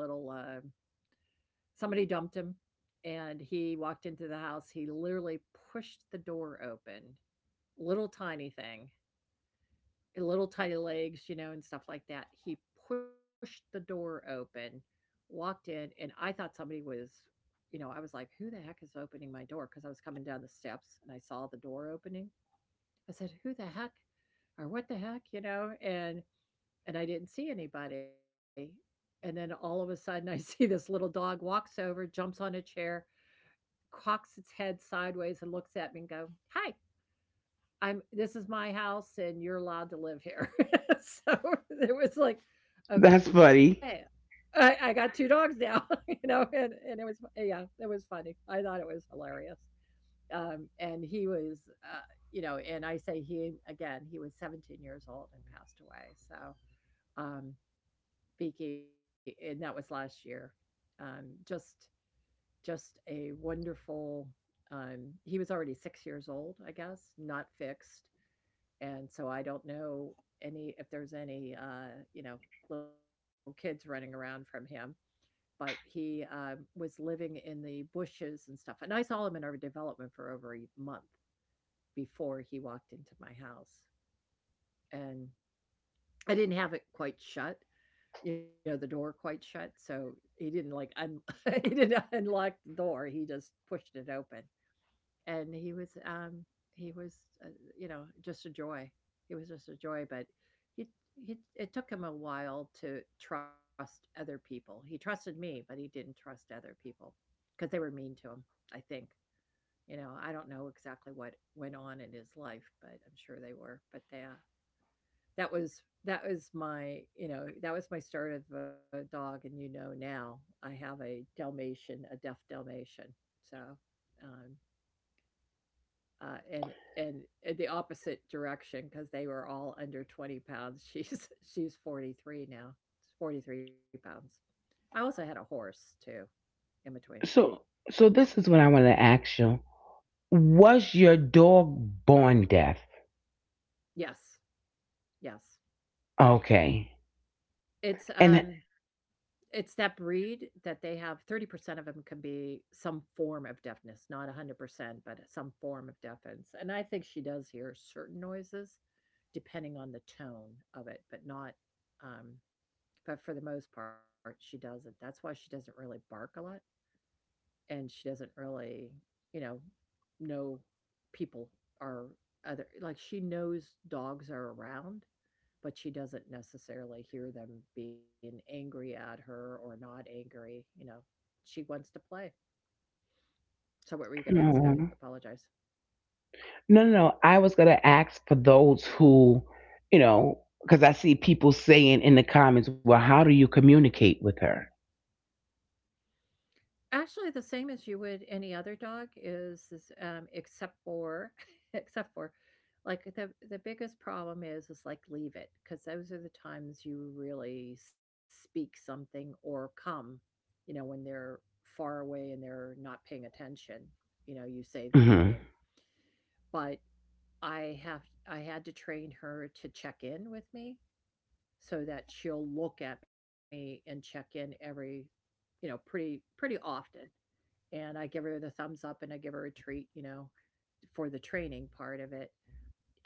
B: somebody dumped him, and he walked into the house, he literally pushed the door open. Little tiny thing, little tiny legs, you know, and stuff like that. He pushed the door open, walked in, and I thought somebody was, you know, I was like, "Who the heck is opening my door?" Because I was coming down the steps and I saw the door opening. I said, "Who the heck or what the heck, you know?" And I didn't see anybody. And then all of a sudden, I see this little dog walks over, jumps on a chair, cocks its head sideways and looks at me and go, "Hi, I'm this is my house and you're allowed to live here." So it was like,
A: that's
B: okay,
A: funny.
B: I got two dogs now. You know, and it was, yeah, it was funny. I thought it was hilarious. And he was, you know, and I say he again, he was 17 years old and passed away. So, um, and that was last year. Um, just just a wonderful. He was already six years old, I guess, not fixed, and so I don't know, any if there's any, you know, little kids running around from him. But he, was living in the bushes and stuff, and I saw him in our development for over a month before he walked into my house, and I didn't have it quite shut, you know, the door quite shut, so he didn't, like, un he didn't unlock the door, he just pushed it open, and he was, uh, you know, just a joy. He was just a joy, but he he it took him a while to trust other people. He trusted me, but he didn't trust other people, because they were mean to him, I think, you know, I don't know exactly what went on in his life, but I'm sure they were, but, yeah. That was my, you know, that was my start of a dog. And you know, now I have a Dalmatian, a deaf Dalmatian. So, um, and in the opposite direction, because they were all under 20 pounds. She's 43 now. It's 43 pounds. I also had a horse too, in between.
A: So, so this is what I want to ask you. Was your dog born deaf?
B: Yes, yes.
A: Okay.
B: It's,
A: And
B: um it's that breed that they have 30% of them can be some form of deafness, not 100%, but some form of deafness, and I think she does hear certain noises depending on the tone of it, but not, um but for the most part, she doesn't. That's why she doesn't really bark a lot, and she doesn't really, you know, people are other, like, she knows dogs are around, but she doesn't necessarily hear them being angry at her or not angry. You know, she wants to play. So, what were you going to ask? I
A: mm,
B: apologize.
A: no, no, no. I was gonna ask for those who, you know, because I see people saying in the comments, "Well, how do you communicate with her?"
B: Actually, the same as you would any other dog, is except for, except for, like, the biggest problem is like leave it, because those are the times you really speak something or come, you know, when they're far away and they're not paying attention. You know, you say their
A: Mm-hmm.
B: name, but I had to train her to check in with me, so that she'll look at me and check in every, you know, pretty often. And I give her the thumbs up and I give her a treat, you know, for the training part of it.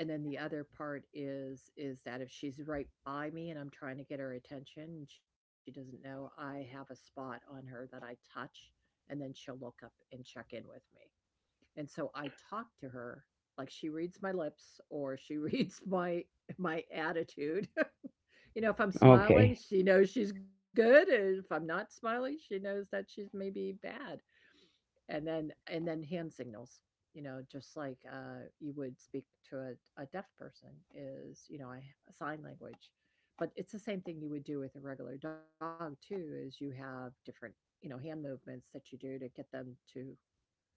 B: And then the other part is that if she's right by me and I'm trying to get her attention and she doesn't know, I have a spot on her that I touch, and then she'll look up and check in with me. And so I talk to her like she reads my lips, or she reads my my attitude. You know, if I'm smiling,
A: Okay.
B: she knows she's good. And if I'm not smiling, she knows that she's maybe bad. And then hand signals, you know, just like, you would speak to a deaf person, is, you know, I, sign language. But it's the same thing you would do with a regular dog too, is you have different, you know, hand movements that you do to get them to,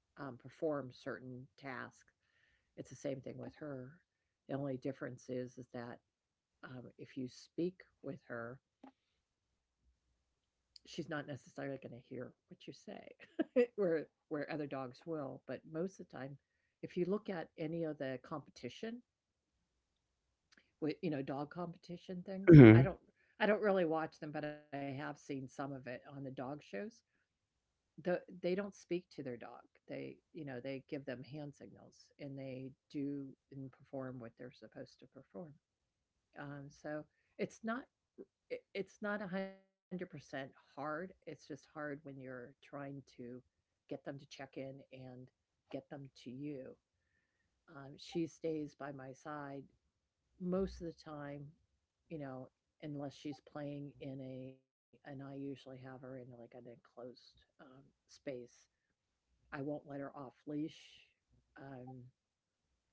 B: perform certain tasks. It's the same thing with her. The only difference is that, if you speak with her, she's not necessarily going to hear what you say, where other dogs will. But most of the time, if you look at any of the competition, with, you know, dog competition things,
A: Mm-hmm.
B: I don't really watch them, but I have seen some of it on the dog shows. They don't speak to their dog. They, you know, they give them hand signals and they do and perform what they're supposed to perform. So it's not it's not 100% hard. It's just hard when you're trying to get them to check in and get them to you. She stays by my side most of the time, you know, unless she's playing in a, and I usually have her in like an enclosed, space. I won't let her off leash, um,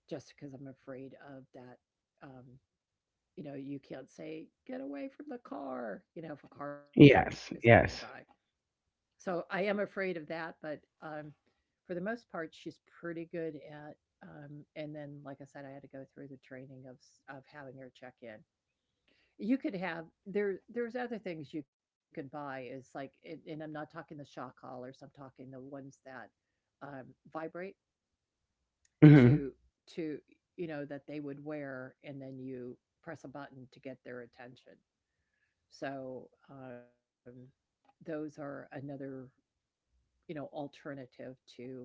B: just because I'm afraid of that. Um, you know, you can't say, get away from the car, you know, if a car is
A: Yes,
B: coming by.
A: yes.
B: So I am afraid of that. But, for the most part, she's pretty good at. And then, like I said, I had to go through the training of having her check in. You could have there. There's other things you could buy. Is like, and I'm not talking the shock collars. I'm talking the ones that um, vibrate
A: Mhm.
B: to to you know that they would wear and then you press a button to get their attention, so those are another you know alternative to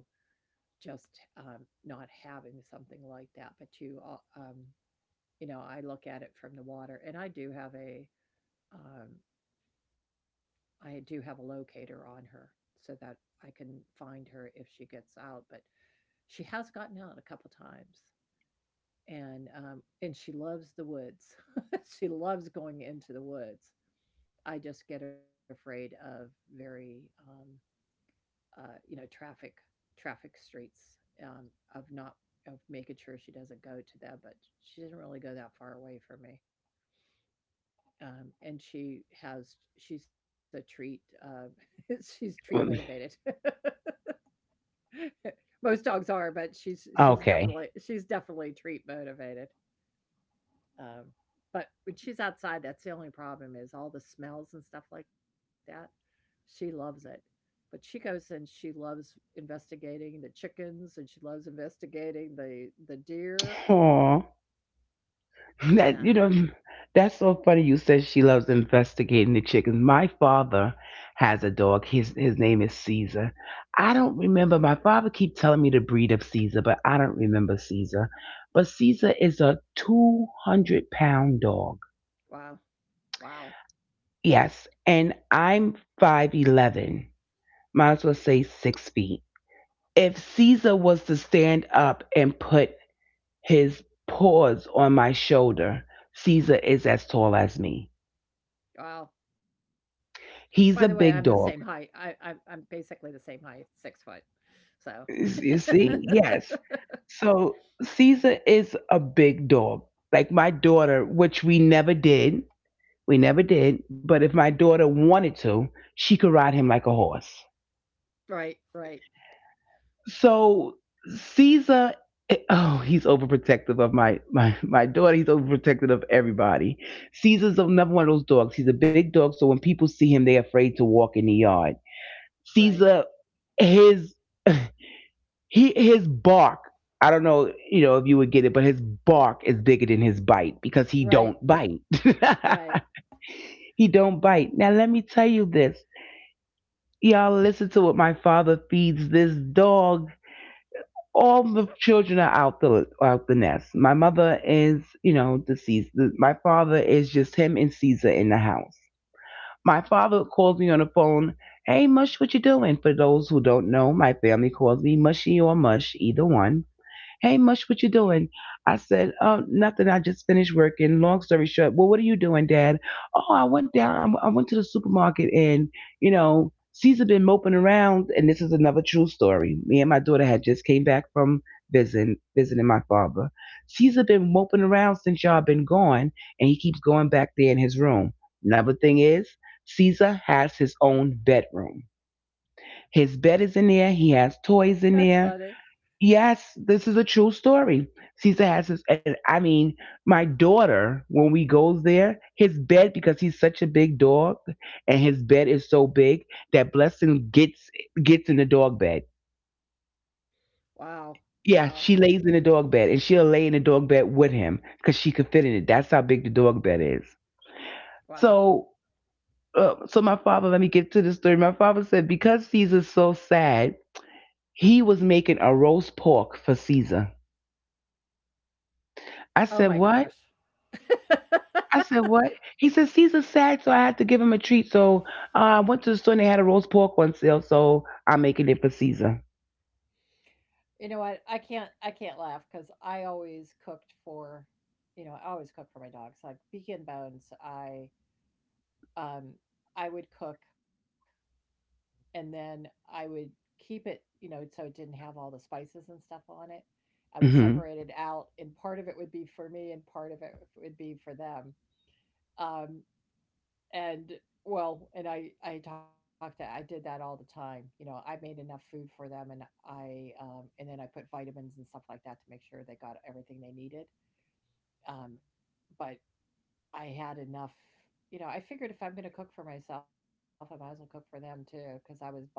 B: just not having something like that but you know, I look at it from the water and I do have a um, I do have a locator on her so that I can find her if she gets out. But she has gotten out a couple times. And she loves the woods. She loves going into the woods. I just get afraid of very, um, you know, traffic, streets, um, of not of making sure she doesn't go to them, but she doesn't really go that far away from me. And she's a treat,
A: Mm,
B: she's treat motivated. Most dogs are, but
A: okay.
B: she's definitely treat motivated. Um, but when she's outside, that's the only problem, is all the smells and stuff like that. She loves it. But she goes and she loves investigating the chickens, and she loves investigating the deer.
A: Aw. That
B: Yeah.
A: you know, that's so funny. You said she loves investigating the chickens. My father has a dog. His name is Caesar. I don't remember. My father keep telling me the breed of Caesar, but I don't remember Caesar. But Caesar is a 200-pound dog.
B: Wow. Wow.
A: Yes, and I'm 5'11". Might as well say 6 feet. If Caesar was to stand up and put his paws on my shoulder. Caesar is as tall as me.
B: Wow. By the way, I'm
A: He's
B: the
A: a
B: same
A: big
B: height.
A: dog.
B: I'm basically the same height, 6 foot. So
A: S- You see? Yes. So Caesar is a big dog. Like my daughter, which we never did. We never did. But if my daughter wanted to, she could ride him like a horse.
B: Right, right,
A: So Caesar, oh, he's overprotective of my daughter. He's overprotective of everybody. Caesar's another one of those dogs. He's a big dog, so when people see him, they're afraid to walk in the yard.
B: right,
A: Caesar, his his bark. I don't know, you know, if you would get it, but his bark is bigger than his bite because he don't
B: right,
A: bite.
B: right.
A: He don't bite. Now let me tell you this. Y'all listen to what my father feeds this dog. All the children are out the nest. My mother is, you know, deceased. My father is just him and Caesar in the house. My father calls me on the phone. Hey, Mush, what you doing? For those who don't know, my family calls me Mushy or Mush, either one. Hey, Mush, what you doing? I said, oh, nothing. I just finished working. Long story short, well, what are you doing, Dad? Oh, I went down. I went to the supermarket, and you know, Caesar been moping around. And this is another true story. Me and my daughter had just came back from visiting my father. Caesar been moping around since y'all been gone, and he keeps going back there in his room. Another thing is, Caesar has his own bedroom. His bed is in there. He has toys in
B: That's
A: there.
B: funny.
A: Yes, this is a true story. Caesar has his, and I mean, my daughter, when we goes there, his bed, because he's such a big dog, and his bed is so big that Blessing gets in the dog bed.
B: Wow.
A: Yeah,
B: Wow.
A: she lays in the dog bed, and she'll lay in the dog bed with him because she could fit in it. That's how big the dog bed is.
B: Wow.
A: So, so my father, let me get to the story. My father said because Caesar's so sad, he was making a roast pork for Caesar. I
B: Oh
A: said,
B: my
A: "What?"
B: gosh.
A: I said, what? He said, Caesar's sad, so I had to give him a treat. So I went to the store and they had a roast pork on sale, so I'm making it for Caesar.
B: You know what? I can't laugh because I always cooked for, you know, I always cook for my dogs. Like Beacon Bones, um I would cook and then I would keep it, you know, so it didn't have all the spices and stuff on it. I would
A: Hmm.
B: separate it out, and part of it would be for me, and part of it would be for them. Um, and well, and I talked to I did that all the time. You know, I made enough food for them, and I and then I put vitamins and stuff like that to make sure they got everything they needed. um but I had enough. You know, I figured if I'm going to cook for myself, I might as well cook for them too, because I was buying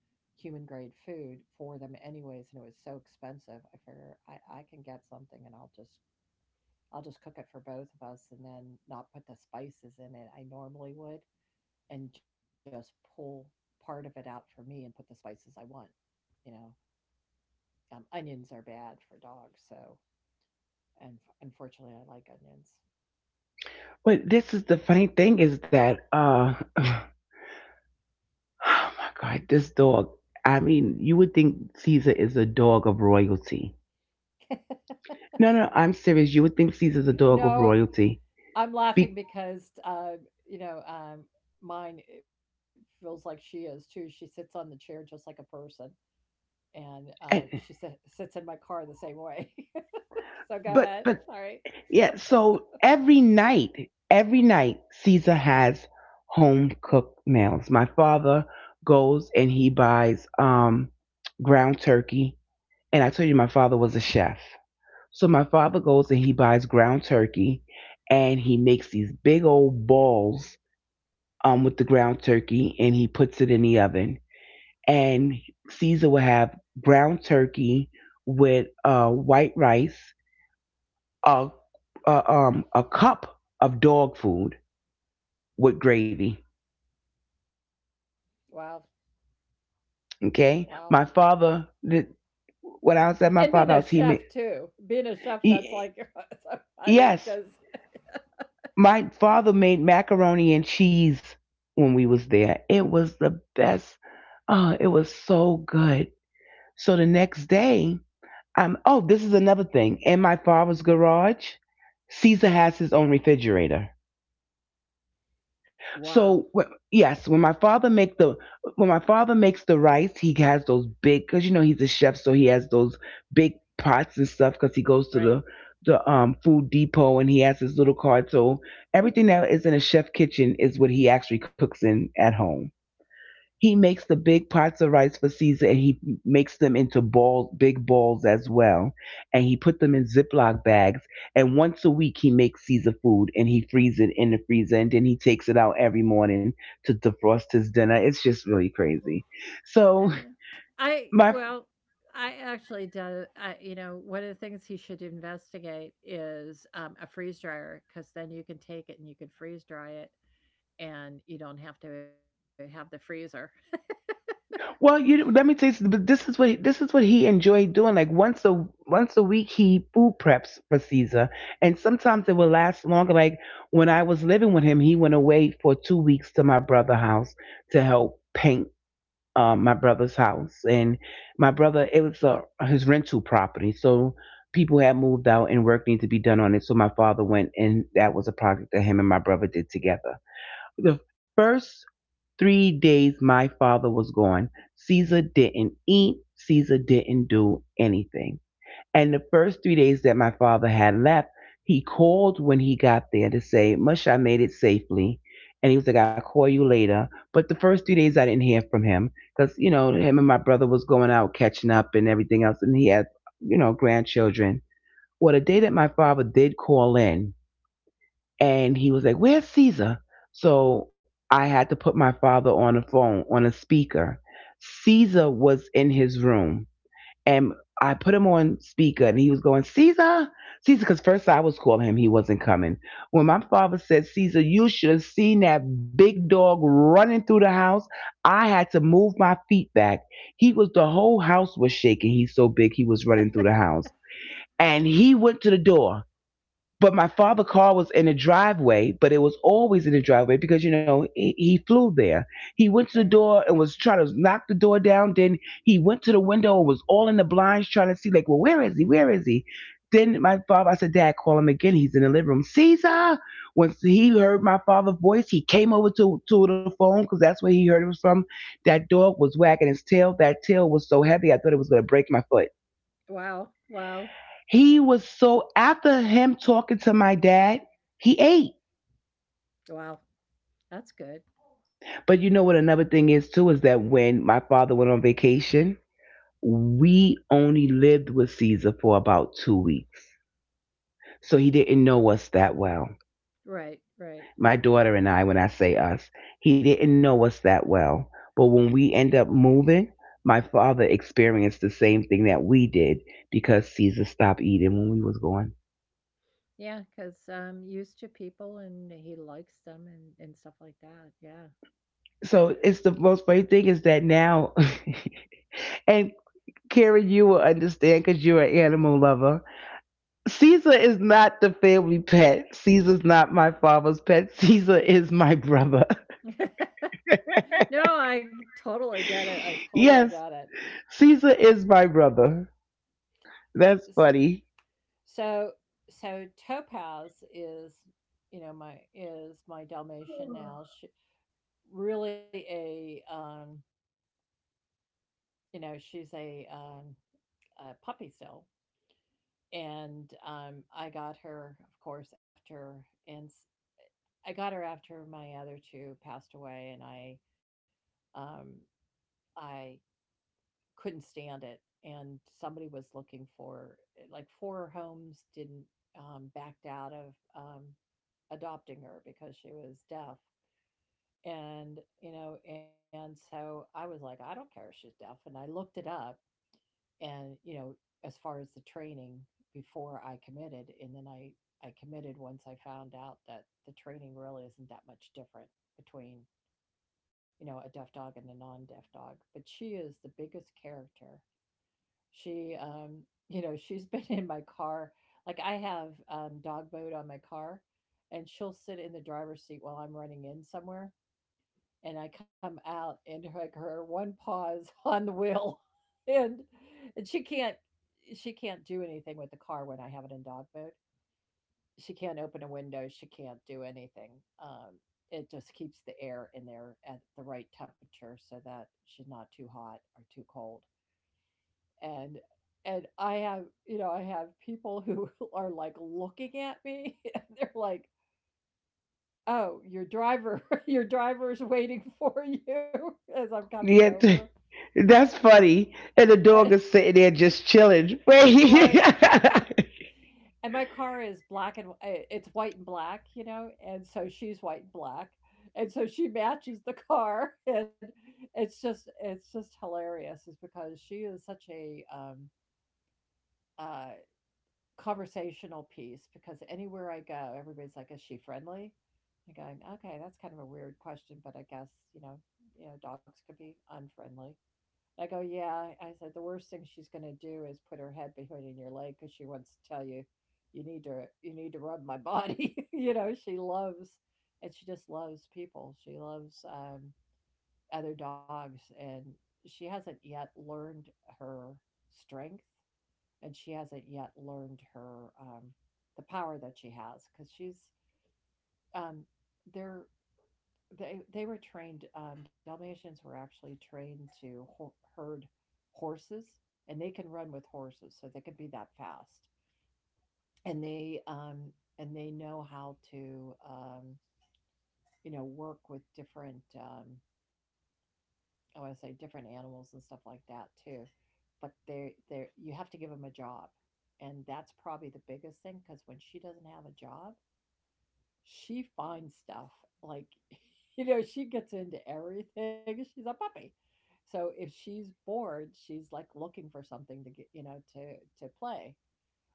B: human grade food for them anyways, and it was so expensive. I figure I can get something and I'll just cook it for both of us, and then not put the spices in it I normally would, and just pull part of it out for me and put the spices I want. You know, onions are bad for dogs, so, and unfortunately, I like onions.
A: But this is the funny thing is that, oh my God, this dog. I mean, you would think Caesar is a dog of royalty. No, no, I'm serious. You would think Caesar's a dog of
B: No,
A: royalty.
B: I'm laughing
A: Be-
B: because you know, mine, it feels like she is too. She sits on the chair just like a person, and she
A: and-
B: sits in my car the same way. So go ahead.
A: but
B: All right.
A: yeah, so every night, Caesar has home cooked meals. My father goes and he buys ground turkey. And I told you my father was a chef. So my father goes and he buys ground turkey and he makes these big old balls with the ground turkey and he puts it in the oven. And Caesar will have ground turkey with white rice a, a cup of dog food with gravy.
B: Wow.
A: Okay,
B: Wow.
A: my
B: Right.
A: father. When I was at my
B: And being a
A: father's house, he made.
B: chef too. Being a chef, that's
A: He,
B: like so funny
A: yes,
B: because
A: my father made macaroni and cheese when we was there. It was the best. Oh, it was so good. So the next day, oh, this is another thing. In my father's garage, Caesar has his own refrigerator. So
B: Wow.
A: yes, when my father make the when my father makes the rice, he has those big because you know he's a chef, so he has those big pots and stuff because he goes to
B: Right.
A: the food depot and he has his little cart. So everything that is in a chef kitchen is what he actually cooks in at home. He makes the big pots of rice for Caesar and he makes them into balls, big balls as well. And he put them in Ziploc bags. And once a week he makes Caesar food and he frees it in the freezer and then he takes it out every morning to defrost his dinner. It's just really crazy. So,
B: Uh, I
A: my.
B: well, I actually do. I, you know, one of the things he should investigate is a freeze dryer, because then you can take it and you can freeze dry it, and you don't have to have the freezer.
A: Well, you let me tell you, but this is what he enjoyed doing. Like once a week, he food preps for Caesar, and sometimes it will last longer. Like when I was living with him, he went away for 2 weeks to my brother's house to help paint my brother's house, and my brother it was his rental property, so people had moved out and work needed to be done on it. So my father went, and that was a project that him and my brother did together. The first 3 days my father was gone. Caesar didn't eat, Caesar didn't do anything. And the first 3 days that my father had left, he called when he got there to say, Mush, I made it safely. And he was like, I'll call you later. But the first 3 days I didn't hear from him because, you know, him and my brother was going out catching up and everything else. And he had, you know, grandchildren. Well, the day that my father did call in, and he was like, "Where's Caesar?" So I had to put my father on a phone on a speaker. Caesar was in his room, and I put him on speaker, and he was going, "Caesar, Caesar," because first I was calling him, he wasn't coming. When my father said, "Caesar, you should have seen that big dog running through the house," I had to move my feet back. He was the whole house was shaking. He's so big, he was running through the house, and he went to the door but my father' car was in the driveway, but it was always in the driveway because you know he flew there. He went to the
B: Right.
A: door and was trying to knock the door down. Then he went to the window and was all in the blinds trying to see, like, well, where is he? Where is he? Then my father, I said, Dad, call him again. He's in the living room. Caesar. Once he heard my father's voice, he came over to the phone because that's where he heard it was from. That dog was wagging his tail. That tail was so heavy, I thought it was gonna break my foot.
B: Wow. Wow.
A: He was so after him talking to my dad, he ate.
B: Wow. That's good.
A: But you know what another thing is too is that when my father went on vacation, we only lived with Caesar for about 2 weeks. So he didn't know us that well.
B: Right. Right.
A: My daughter and I, when I say us, he didn't know us that well. But when we end up moving, my father experienced the same thing that we did because Caesar stopped eating when we was gone.
B: Yeah, because used to people and he likes them and stuff like that. Yeah.
A: So it's the most funny thing is that now and Carrie, you will understand because you're an animal lover. Caesar is not the family pet. Caesar's not my father's pet. Caesar is my brother.
B: No, I totally get it. I totally get
A: Yes, Caesar is my brother. That's
B: it.
A: funny.
B: So so Topaz is, you know, my is my Dalmatian now. She really a you know, she's a puppy still. And I got her, of course, after and s- I got her after my other two passed away, and um I couldn't stand it. And somebody was looking for like four homes didn't backed out of adopting her because she was deaf. And you know, and so I was like, I don't care if she's deaf. And I looked it up, and you know, as far as the training, before I committed. And then I committed once I found out that the training really isn't that much different between, you know, a deaf dog and a non-deaf dog. But she is the biggest character. she, um, you know, she's been in my car. Like I have dog mode on my car, and she'll sit in the driver's seat while I'm running in somewhere, and I come out and her, like her one paw's on the wheel, and and she can't do anything with the car when I have it in dog mode. She can't open a window. She can't do anything. Um, it just keeps the air in there at the right temperature so that she's not too hot or too cold. and and I have, you know, I have people who are like looking at me and they're like, "Oh, your driver, your driver's waiting for you as I'm coming
A: Yet,
B: over."
A: that's funny. And the
B: And-
A: dog is sitting there just chilling.
B: Right. And my car is black and it's white and black, you know, and so she's white and black. And so she matches the car and it's just hilarious, is because she is such a uh conversational piece, because anywhere I go, everybody's like, "Is she friendly?" I'm going, "Okay, that's kind of a weird question, but I guess you know, dogs could be unfriendly." I go, "Yeah." I said, "The worst thing she's going to do is put her head behind your leg because she wants to tell you, you need to rub my body." You know, she loves, and she just loves people. She loves other dogs, and she hasn't yet learned her strength, and she hasn't yet learned her the power that she has, because she's um, they're they were trained Dalmatians were actually trained to herd horses, and they can run with horses, so they can be that fast. And they and they know how to you know, work with different I want to say different animals and stuff like that too. But they, you have to give them a job, and that's probably the biggest thing, because when she doesn't have a job she finds stuff. Like you know, she gets into everything. She's a puppy, so if she's bored, she's like looking for something to get, you know, to play.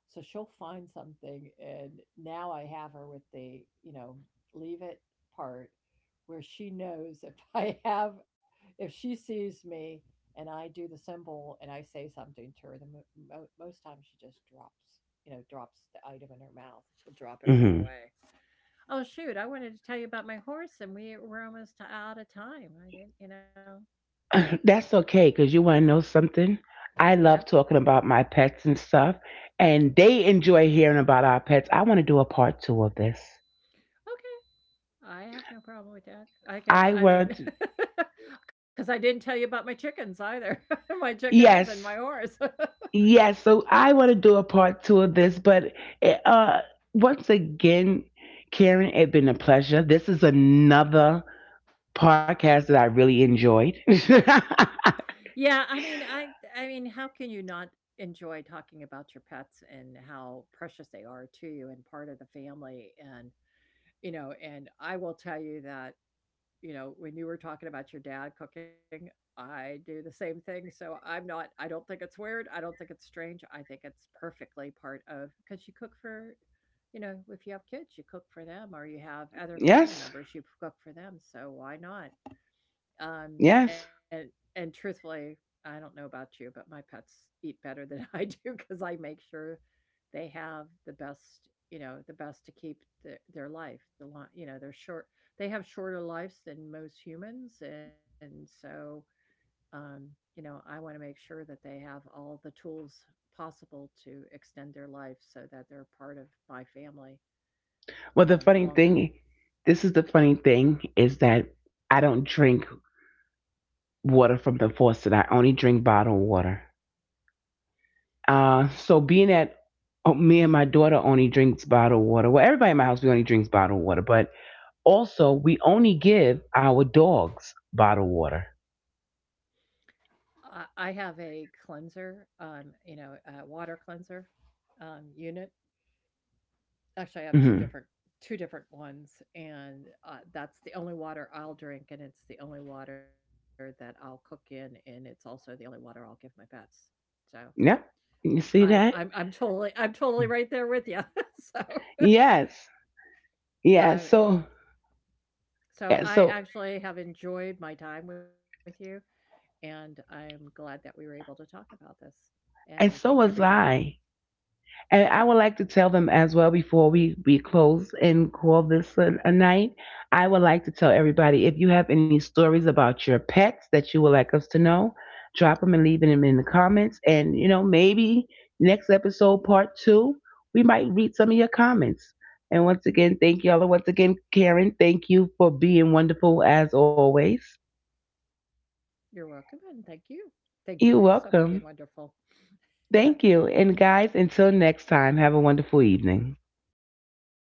B: So she'll find something. And now I have her with the, you know, leave it part, where she knows if I have, if she sees me and I do the symbol and I say something to her, the most times she just drops, you know, drops the item in her mouth. She'll drop it right
A: Hmm.
B: away. Oh shoot, I wanted to tell you about my horse and we were almost out of time. I didn't, you know.
A: That's okay because you want to know something? I
B: Yeah.
A: love talking about my pets and stuff, and they enjoy hearing about our pets. I want to do a part two of this.
B: Okay. I have no problem with that. I can
A: I
B: I mean
A: want
B: cuz I didn't tell you about my chickens either. My chickens and my
A: yes,
B: horse.
A: yes. So I want to do a part two of this, but it, once again, Karen, it's been a pleasure. This is another podcast that I really enjoyed.
B: Yeah, I mean, how can you not enjoy talking about your pets and how precious they are to you and part of the family. And you know, and I will tell you that you know, when you were talking about your dad cooking, I do the same thing. So I'm not, I don't think it's weird. I don't think it's strange. I think it's perfectly part of, because you cook for, you know, if you have kids, you cook for them, or you have other family
A: Yes,
B: members, you cook for them. So why not? Um,
A: yes.
B: and, and truthfully, I don't know about you, but my pets eat better than I do, because I make sure they have the best, you know, the best to keep the, their life. The long, you know, they're short. They have shorter lives than most humans, and so, um, you know, I want to make sure that they have all the tools possible to extend their life so that they're part of my family
A: Well, the funny
B: longer.
A: thing, this is the funny thing, is that I don't drink water from the faucet. I only drink bottled water. So being that oh, me and my daughter only drinks bottled water. Well, everybody in my house we only drinks bottled water, but also, we only give our dogs bottled water.
B: I have a cleanser, you know, a water cleanser unit. Actually, I have 2
A: Hmm.
B: different ones, and, that's the only water I'll drink, and it's the only water that I'll cook in, and it's also the only water I'll give my pets. So,
A: Yep. You
B: I
A: see
B: I'm
A: that?
B: I'm totally right there with you. So,
A: Yes. Yeah.
B: um,
A: So,
B: so
A: yeah,
B: I
A: so,
B: actually have enjoyed my time with you, and I'm glad that we were able to talk about this, and I
A: and
B: thank
A: so was
B: everybody.
A: I. And I would like to tell them as well before we close and call this a night. I would like to tell everybody if you have any stories about your pets that you would like us to know, drop them and leave them in the comments. And, you know, maybe next episode, part two, we might read some of your comments. And once again, thank y'all. And once again, Karen, thank you for being wonderful as always.
B: You're welcome, and thank you. Thank you also
A: You're
B: for being
A: welcome.
B: wonderful.
A: Thank you. And guys, until next time, have a wonderful evening.
B: Good night.